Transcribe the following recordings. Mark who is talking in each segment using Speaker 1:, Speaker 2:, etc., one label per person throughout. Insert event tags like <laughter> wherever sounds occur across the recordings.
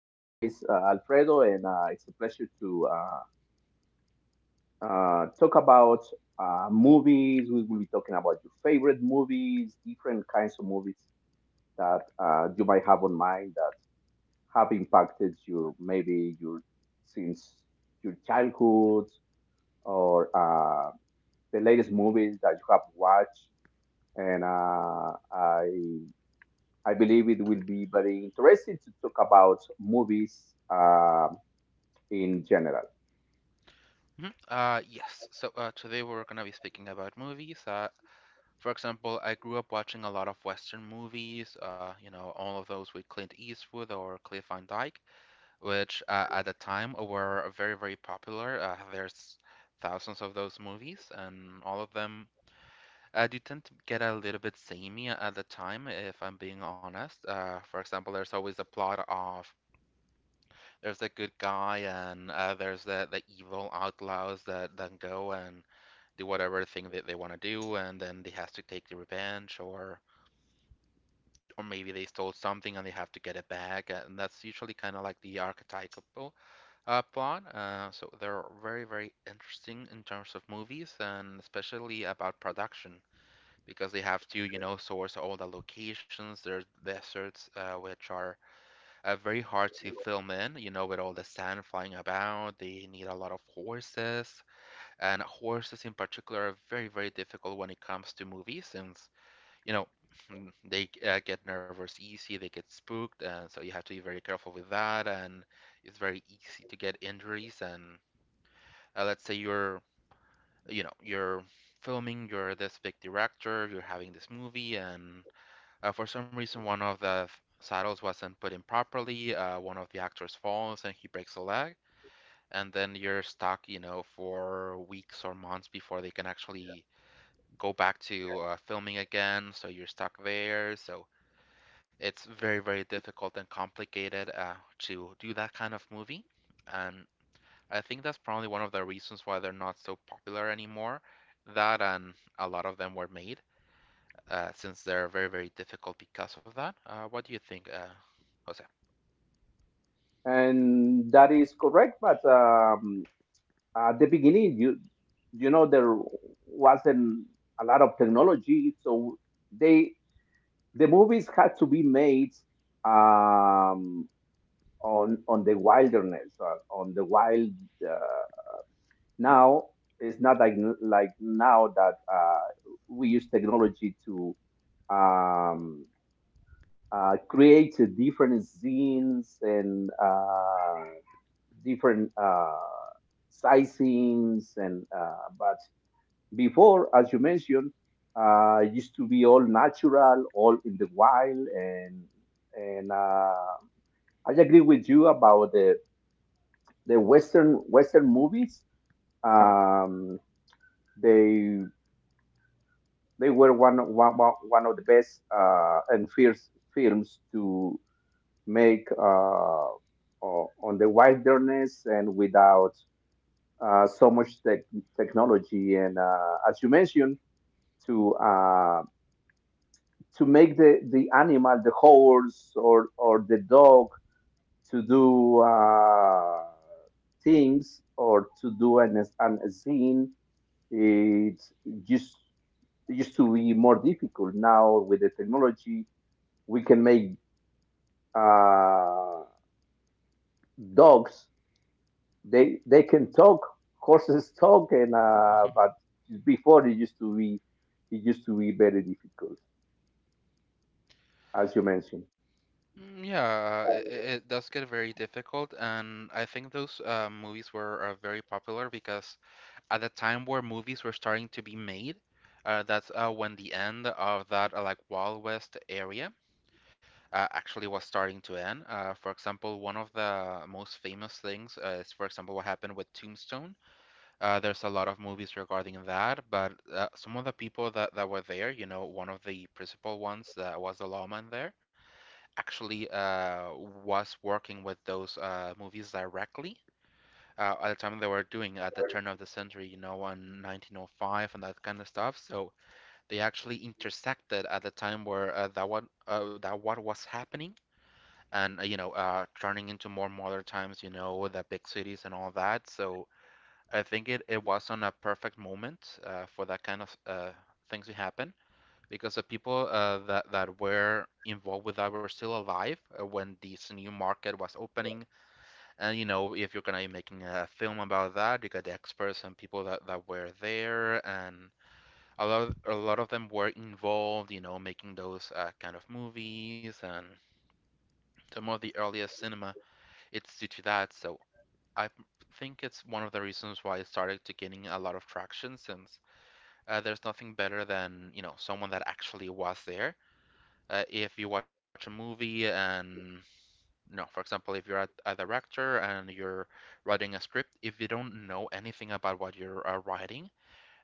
Speaker 1: My name is Alfredo, and it's a pleasure to talk about movies. We will be talking about your favorite movies, different kinds of movies that you might have on mind that have impacted your maybe your since your childhood or the latest movies that you have watched. And I believe it will be very interesting to talk about movies. In general.
Speaker 2: Hmm. Yes. So today we're gonna be speaking about movies. For example, I grew up watching a lot of Western movies. All of those with Clint Eastwood or Cliff Van Dyke, which at the time were very, very popular. There's thousands of those movies, and all of them do tend to get a little bit samey at the time, if I'm being honest. For example, there's always a plot of there's the good guy and there's the evil outlaws that then go and do whatever thing that they want to do, and then they has to take the revenge, or maybe they stole something and they have to get it back, and that's usually kind of like the archetypal plot. So they're very very interesting in terms of movies, and especially about production because they have to source all the locations. There's deserts which are very hard to film in, with all the sand flying about. They need a lot of horses and horses in particular are very very difficult when it comes to movies since you know <laughs> they get nervous easy, they get spooked, and so you have to be very careful with that, and it's very easy to get injuries. And let's say you're you know you're filming, you're this big director, you're having this movie, and for some reason one of the saddles wasn't put in properly, one of the actors falls and he breaks a leg, and then you're stuck for weeks or months before they can actually go back to filming again, so you're stuck there. So it's very, very difficult and complicated to do that kind of movie. And I think that's probably one of the reasons why they're not so popular anymore. That, and a lot of them were made since they're very, very difficult because of that. What do you think, Jose?
Speaker 1: And that is correct, but at the beginning, you know there wasn't a lot of technology, so they the movies had to be made um, on the wilderness, on the wild. Uh, Now it's not like now that we use technology to um, create different scenes and. Different sizings and but before, as you mentioned, it used to be all natural, all in the wild. And I agree with you about the western movies. Um, they they were one of the best and first films to make on the wilderness and without so much technology. And as you mentioned, to uh, to make the animal, the horse, or the dog to do things or to do an scene, it just used to be more difficult. Now with the technology, we can make uh, dogs — they can talk, horses talk — and but
Speaker 2: <laughs>
Speaker 1: before, it used to be very difficult, as you mentioned.
Speaker 2: Mm, yeah, it does get very difficult, and I think those movies were very popular because at the time where movies were starting to be made. That's when the end of that like Wild West area actually was starting to end. For example, one of the most famous things is, for example, what happened with Tombstone. There's a lot of movies regarding that, but some of the people that were there, one of the principal ones that was the lawman there, actually was working with those movies directly at the time they were doing at the turn of the century, on 1905 and that kind of stuff. So they actually intersected at the time where that what was happening, and turning into more modern times, the big cities and all that. So I think it was not a perfect moment for that kind of things to happen. Because the people that were involved with that were still alive when this new market was opening, and if you're gonna be making a film about that, you got the experts and people that were there, and a lot of them were involved, making those kind of movies, and some of the earliest cinema, it's due to that. So I think it's one of the reasons why it started to getting a lot of traction, since there's nothing better than someone that actually was there. If you watch a movie and no, for example, if you're a director and you're writing a script, if you don't know anything about what you're writing,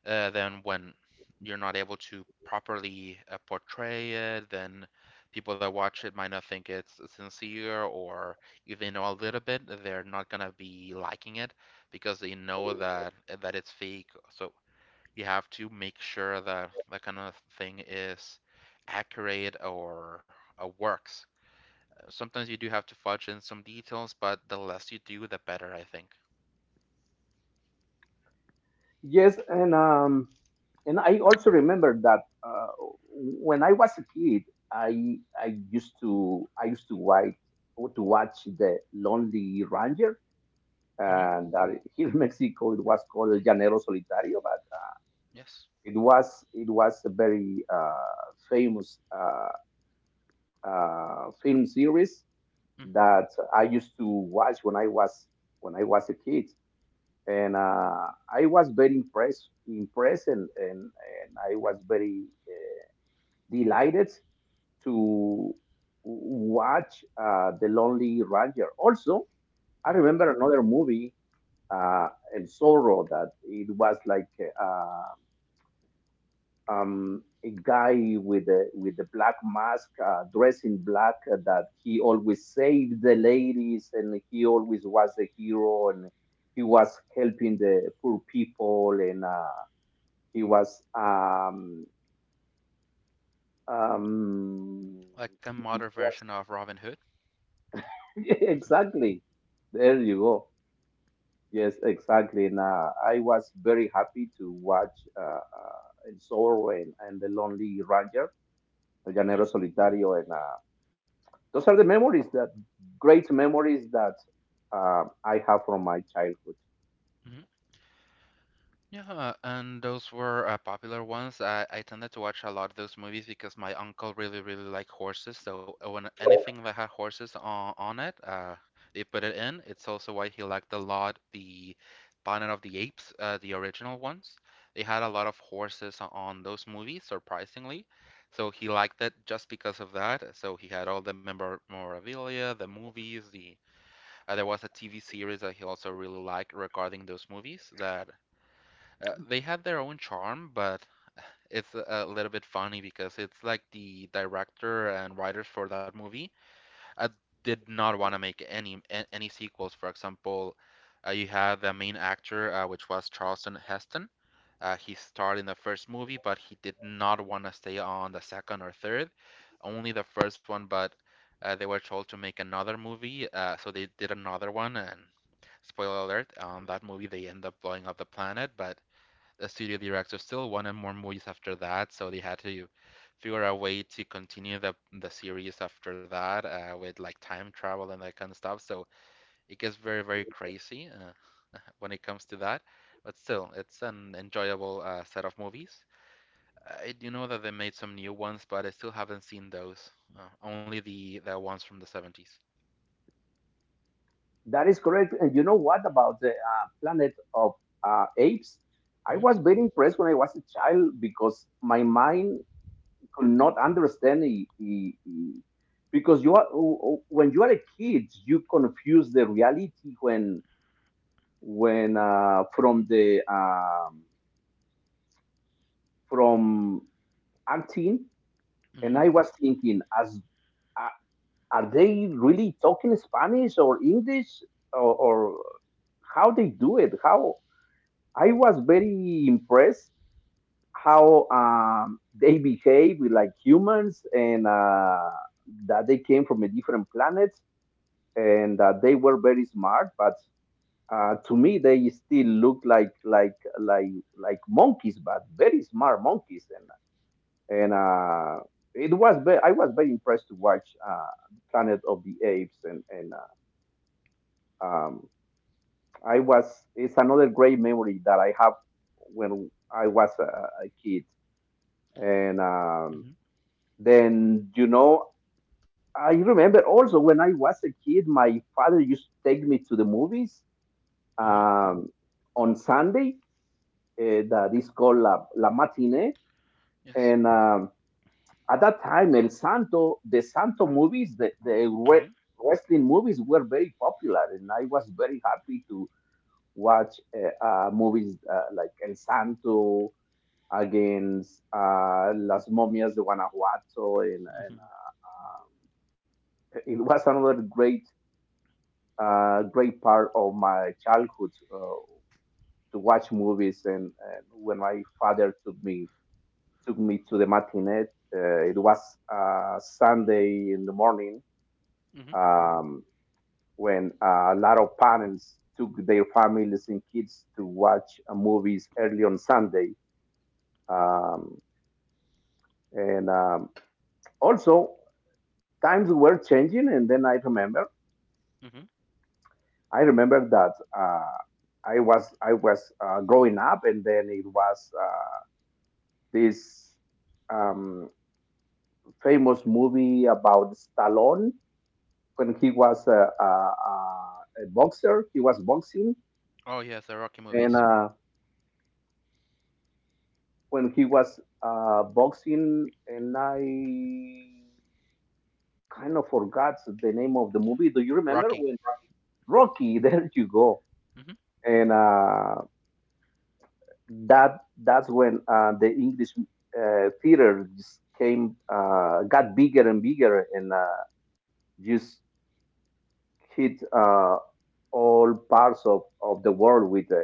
Speaker 2: then when you're not able to properly portray it, then people that watch it might not think it's sincere, or if they know a little bit, they're not gonna be liking it because they know that it's fake. So you have to make sure that that kind of thing is accurate, or works. Sometimes you do have to fudge in some details, but the less you do, the better, I think.
Speaker 1: Yes, and I also remember that when I was a kid, I used to watch the Lonely Ranger,
Speaker 2: Mm-hmm.
Speaker 1: and here in <laughs> Mexico it was called El Llanero Solitario, but
Speaker 2: Yes.
Speaker 1: it was a very famous film series
Speaker 2: Mm-hmm.
Speaker 1: that I used to watch when I was a kid, and I was very impressed, and I was very delighted to watch The Lonely Ranger. Also, I
Speaker 2: Mm-hmm.
Speaker 1: remember another movie, uh, El Zorro, that it was like uh, a guy with a black mask, dressed in black, that he always saved the ladies, and he always was the hero, and he was helping the poor people. And he was um, um,
Speaker 2: Like a modern
Speaker 1: he
Speaker 2: version
Speaker 1: was
Speaker 2: of Robin Hood.
Speaker 1: <laughs> exactly there. You go. Yes, exactly. And I was very happy to watch uh, uh, El Zorro, and the Lonely Ranger, El Llanero
Speaker 2: Mm-hmm.
Speaker 1: Solitario, and those are the memories that great memories that I have from my childhood.
Speaker 2: Mm-hmm. Yeah, and those were popular ones. I tended to watch a lot of those movies because my uncle really, really liked horses. So when anything that had horses on it, they put it in. It's also why he liked a lot the Planet of the Apes, the original ones. They had a lot of horses on those movies, surprisingly. So he liked it just because of that. So he had all the memorabilia, the movies, there was a TV series that he also really liked regarding those movies that they had their own charm, but it's a little bit funny because it's like the director and writers for that movie uh, did not want to make any any sequels. For example, you had the main actor, which was Charlton Heston. He starred in the first movie, but he did not want to stay on the second or third, only the first one. But they were told to make another movie, so they did another one. And spoiler alert, that movie they end up blowing up the planet, but studio director still wanted more movies after that, so they had to figure out a way to continue the series after that with like time travel and that kind of stuff. So it gets very, very crazy when it comes to that. But still, it's an enjoyable set of movies. I do know that they made some new ones, but I still haven't seen those. Only the ones from the 70s.
Speaker 1: That is correct. And you know what about the Planet of Apes? I
Speaker 2: Hmm.
Speaker 1: was very impressed when I was a child because my mind could not understand it. Because you are when you are a kid, you confuse the reality, when from the from acting. And
Speaker 2: Hmm.
Speaker 1: I was thinking, as are they really talking Spanish or English, or how they do it? How? I was very impressed how they behave with like humans, and that they came from a different planet, and that they were very smart. But to me they still look like monkeys, but very smart monkeys. And I was very impressed to watch Planet of the Apes. And Um, I was It's another great memory that I have when I was a kid. And
Speaker 2: Hmm.
Speaker 1: then, you know, I remember also when I was a kid, my father used to take me to the movies
Speaker 2: Hmm.
Speaker 1: um, on Sunday. That is called La Matinee,
Speaker 2: Yes.
Speaker 1: and at that time, El Santo, the Santo movies, the the
Speaker 2: Hmm.
Speaker 1: re- wrestling movies were very popular, and I was very happy to watch movies like El Santo against Las Momias de Guanajuato, and, and
Speaker 2: Hmm.
Speaker 1: uh, um, it was another great part of my childhood, to watch movies. And when my father took me to the matinee, it was Sunday in the morning.
Speaker 2: Hmm.
Speaker 1: Um, when a lot of parents took their families and kids to watch movies early on Sunday. um, and also, times were changing, and then i remember
Speaker 2: Hmm.
Speaker 1: i remember that I was growing up, and then it was this um, famous movie about Stallone when he was a boxer. He was boxing,
Speaker 2: Oh yes, the Rocky
Speaker 1: and
Speaker 2: movies.
Speaker 1: when he was boxing, and I kind of forgot the name of the movie. Do you remember?
Speaker 2: Rocky.
Speaker 1: When? Rocky. <laughs> There you go.
Speaker 2: Mhm.
Speaker 1: And that's when the English theater just came got bigger and bigger, and just hit all parts of the world with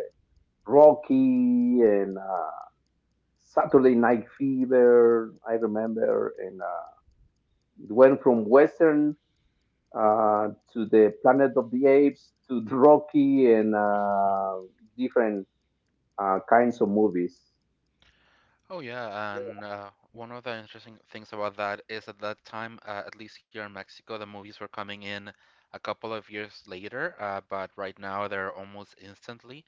Speaker 1: Rocky and Saturday Night Fever, I remember. And it went from Western. To the Planet of the Apes, to <laughs> the Rocky, and different kinds of movies.
Speaker 2: Oh yeah, and one of the interesting things about that is at that time, at least here in Mexico, the movies were coming in a couple of years later, but right now they're almost instantly.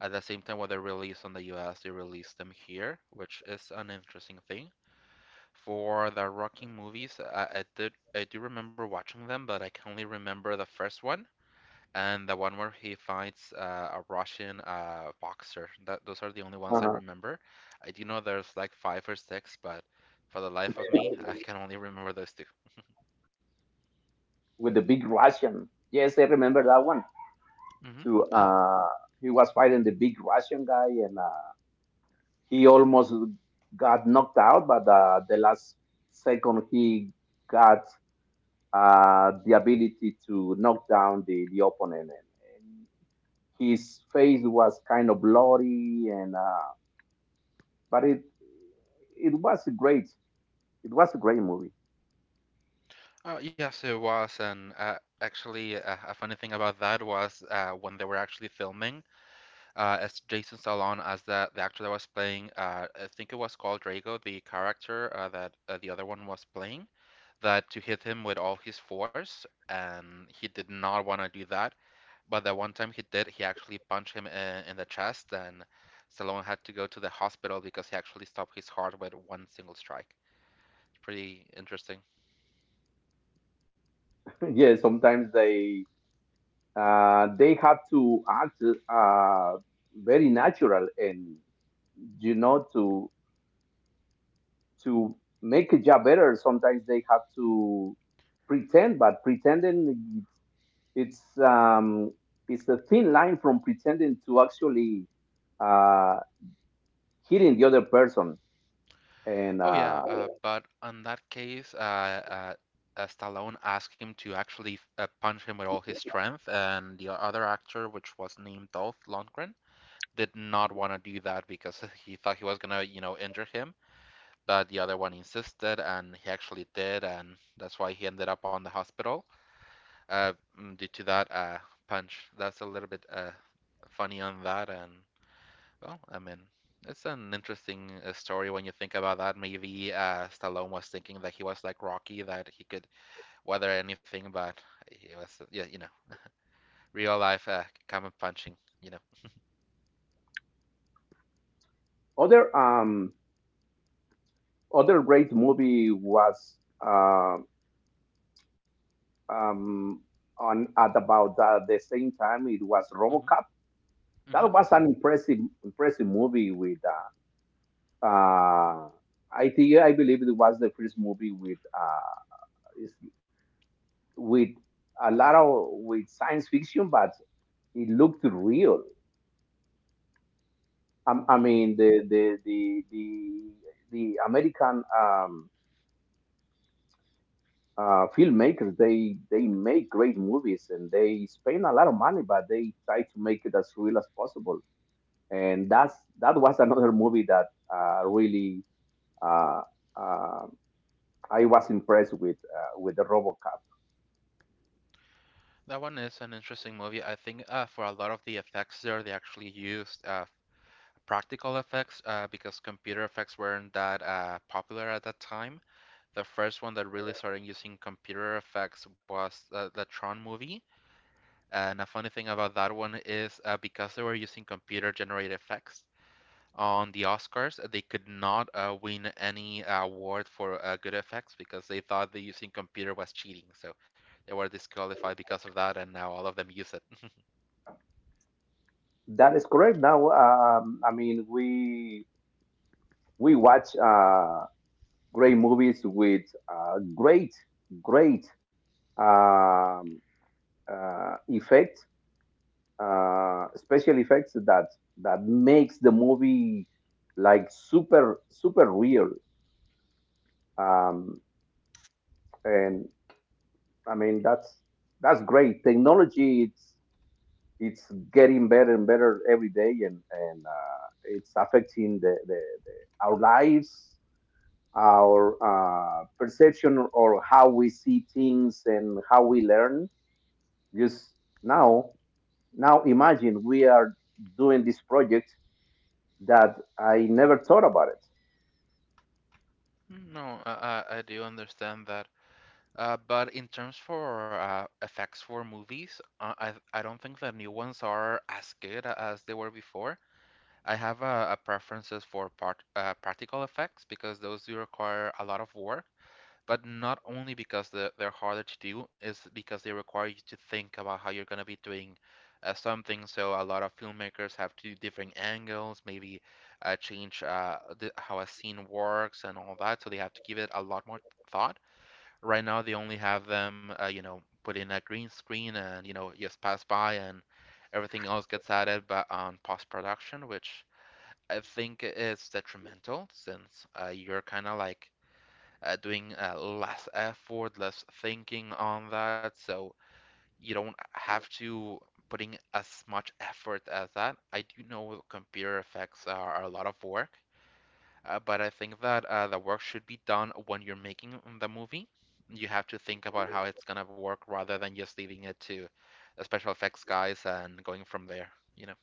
Speaker 2: At the same time, when they're released on the US, they release them here, which is an interesting thing. For the Rocky movies, I do remember watching them, but I can only remember the first one and the one where he fights a Russian boxer. That those are the only ones I
Speaker 1: Yeah.
Speaker 2: remember. I do know there's like five or six, but for the life of me, I can only remember those two.
Speaker 1: With the big Russian. Yes, I remember that one.
Speaker 2: Mm-hmm.
Speaker 1: So
Speaker 2: Uh,
Speaker 1: he was fighting the big Russian guy, and he almost got knocked out. But the last second, he got the ability to knock down the opponent, and his face was kind of bloody. And but it was great. It was a great movie.
Speaker 2: oh yes, it was, and actually, a funny thing about that was when they were actually filming, as Jason Stallone, as the actor that was playing, I think it was called Drago, the character that the other one was playing. That to hit him with all his force, and he did not want to do that. But that one time he did, he actually punched him in the chest, and Stallone had to go to the hospital because he actually stopped his heart with one single strike. It's pretty interesting.
Speaker 1: <laughs> Yeah, sometimes they have to act uh, very natural, and you know, to make a job better, sometimes they have to pretend. But pretending, it's, um, it's a thin line from pretending to actually uh, hitting the other person. And
Speaker 2: Oh yeah, but on that case, Stallone asked him to actually punch him with all his strength, and the other actor, which was named Dolph Lundgren, did not want to do that because <laughs> he thought he was gonna, injure him. But the other one insisted, and he actually did, and that's why he ended up on the hospital. uh, Due to that punch. That's a little bit funny on that, and well, I mean, it's an interesting story when you think about that. Maybe Stallone was thinking that he was like Rocky, that he could weather anything, but he was, yeah, real life common punching.
Speaker 1: other um, other great movie was uh, um, on at about the same time. It was
Speaker 2: Mm-hmm.
Speaker 1: RoboCop. That
Speaker 2: Mm-hmm.
Speaker 1: was an impressive, impressive movie with. Uh, uh, I believe it was the first movie is- with a lot of with science fiction, but it looked real. I
Speaker 2: Hmm.
Speaker 1: mean, the American filmmakers, they make great movies, and they spend a lot of money, but they try to make it as real as possible. And that's That was another movie that really. Uh, uh, I was impressed with with the RoboCop.
Speaker 2: That one is an interesting movie. I think for a lot of the effects there, they actually used practical effects because computer effects weren't that popular at that time. The first one that really started using computer effects was the Tron movie. And a funny thing about that one is because they were using computer generated effects, on the Oscars they could not win any award for good effects because they thought the using computer was cheating. So they were disqualified because of that, and now all of them use it.
Speaker 1: That is correct. Now, I mean, we watch great movies with uh, great great um, effects, special effects that makes the movie like super super real. Um, and I mean, that's great. Technology, it's getting better and better every day, and it's affecting the our lives, our perception, or how we see things and how we learn. Just now, imagine we are doing this project, that I never thought about it.
Speaker 2: No, I do understand that. But in terms for effects for movies, I don't think the new ones are as good as they were before. I have a preferences for practical effects because those do require a lot of work, but not only because they're harder to do, is because they require you to think about how you're going to be doing something. So a lot of filmmakers have to do different angles, maybe change how a scene works and all that. So they have to give it a lot more thought. Right now, they only have them, put in a green screen, and, just pass by, and everything else gets added but on post-production, which I think it's detrimental since you're kind of like doing less effort, less thinking on that, so you don't have to putting as much effort as that. I do know computer effects are a lot of work, but I think that the work should be done when you're making the movie. You have to think about how it's gonna work rather than just leaving it to the special effects guys and going from there, you know.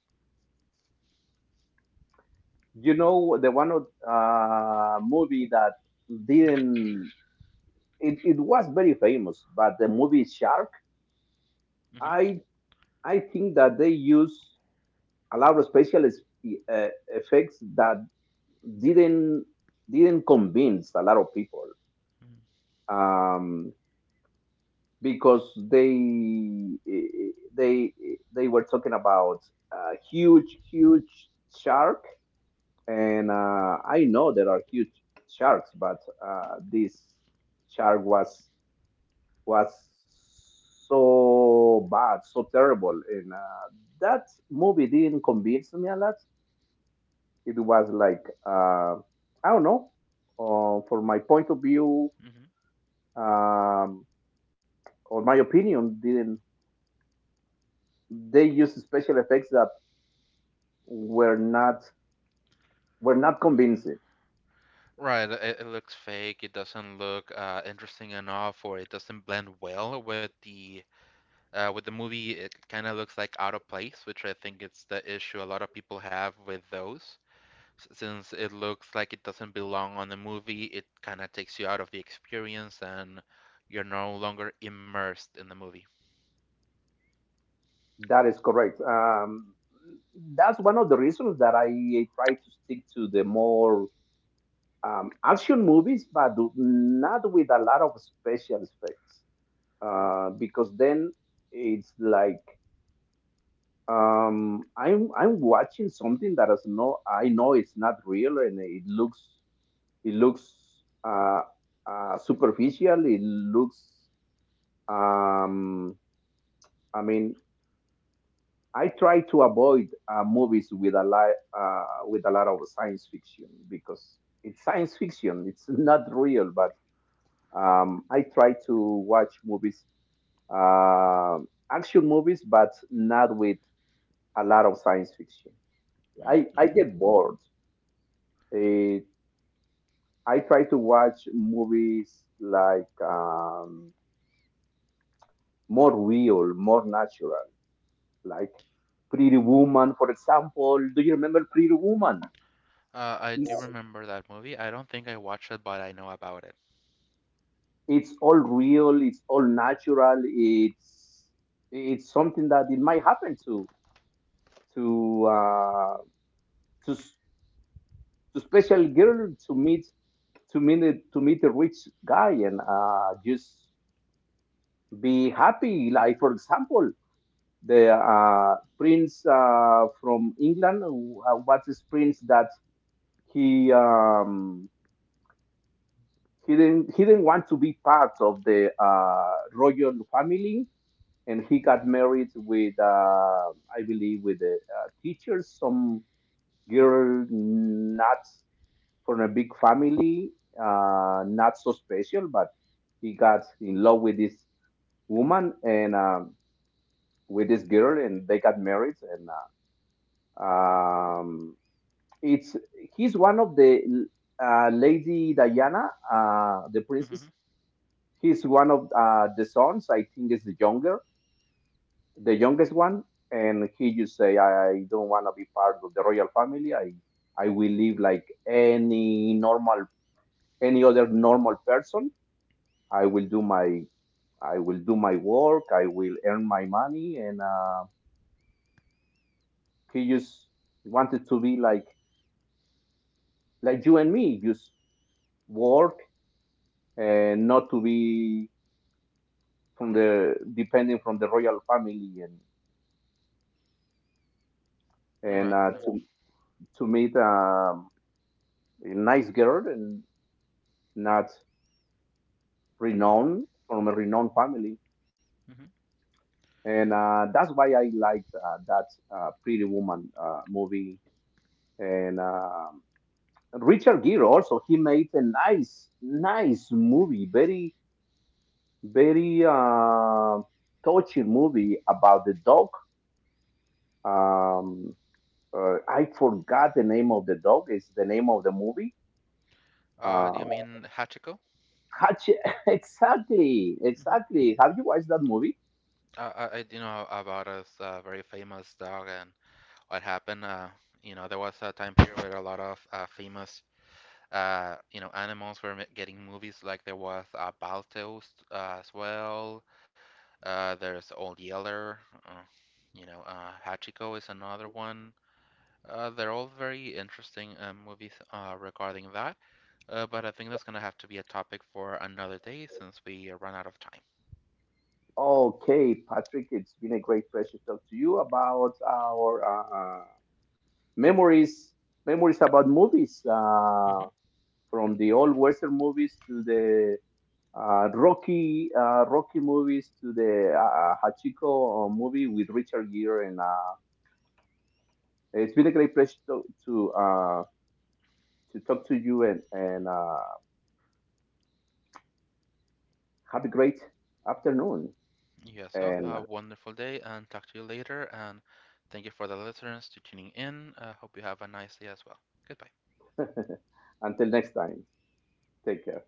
Speaker 1: You know, the one of, movie that
Speaker 2: Hmm.
Speaker 1: didn't — it was very famous, but the movie Shark.
Speaker 2: Hmm.
Speaker 1: I i think that they use a lot of special effects that didn't didn't convince a lot of people, um, because they e, e, they were talking about a huge huge shark. And I know there are huge sharks, but this shark was so bad, so terrible. And that movie didn't convince me a lot. It was like I don't know. From my point of view,
Speaker 2: Hmm.
Speaker 1: um, or my opinion, didn't they used special effects that were not were not convincing?
Speaker 2: Right, it looks fake. It doesn't look interesting enough, or it doesn't blend well with the movie. It kind of looks like out of place, which I think it's the issue a lot of people have with those. Since it looks like it doesn't belong on the movie, it kind of takes you out of the experience, and you're no longer immersed in the movie.
Speaker 1: That is correct. That's one of the reasons that I try to stick to the more action movies, but not with a lot of special effects, because then it's like I'm watching something that is no, I know it's not real, and it looks uh, superficial, it looks um I mean, I try to avoid movies with a lot of science fiction, because it's science fiction. <laughs> It's not real. But I try to watch movies, uh, action movies, but not with a lot of science fiction.
Speaker 2: Mm,
Speaker 1: I
Speaker 2: yeah.
Speaker 1: get bored. Eh, I try to watch movies like more real, more natural, like Pretty Woman, for example. Do you remember Pretty Woman?
Speaker 2: I do
Speaker 1: It's
Speaker 2: remember that movie. I don't think I watched it, but I know about it.
Speaker 1: it's all real, it's all natural. It's something that it might happen to uh, to s- to special girl to meet a rich guy, and just be happy. Like, for example. The are prince from England. What is prince that he um, he didn't want to be part of the royal family, and he got married with I believe with a teacher, some girl not from a big family, not so special, but he got in love with this woman and with this girl, and they got married and. Um, It's He's one of the Lady Diana, the princess.
Speaker 2: Hmm.
Speaker 1: He's one of the sons. I think is the younger, the youngest one. And he just say, I don't want to be part of the royal family. I will live like any normal, any other normal person. I will do my I will do my work. I will earn my money. And he just wanted to be like you and me, just work and not to be from the depending from the royal family, and and
Speaker 2: Right.
Speaker 1: uh, to meet a nice girl and not
Speaker 2: Hmm.
Speaker 1: renowned from a renowned family.
Speaker 2: Hmm.
Speaker 1: And that's why I liked that Pretty Woman movie. And Richard Gere also, he made a nice nice movie, very touching movie about the dog. um, I forgot the name of the dog. It's the name of the movie.
Speaker 2: Do you
Speaker 1: Um,
Speaker 2: mean Hachiko?
Speaker 1: Hatchet, <laughs> exactly, exactly. Have you watched that movie?
Speaker 2: I, I do know about a very famous dog and what happened. There was a time period where a lot of famous, animals were m getting movies. Like there was Balto as well. There's Old Yeller. Uh, Hachiko is another one. They're all very interesting movies regarding that. But I think that's gonna have to be a topic for another day since we run out of time.
Speaker 1: Okay, Patrick, it's been a great pleasure to talk to you about our memories, memories about movies, from the old Western movies to the Rocky movies, to the Hachiko movie with Richard Gere, and it's been a great pleasure to talk to you. And have a great afternoon.
Speaker 2: Yes, well,
Speaker 1: And
Speaker 2: have a wonderful day and talk to you later. And thank you for the listeners to tuning in. I hope you have a nice day as well. Goodbye.
Speaker 1: <laughs> Until next time, take care.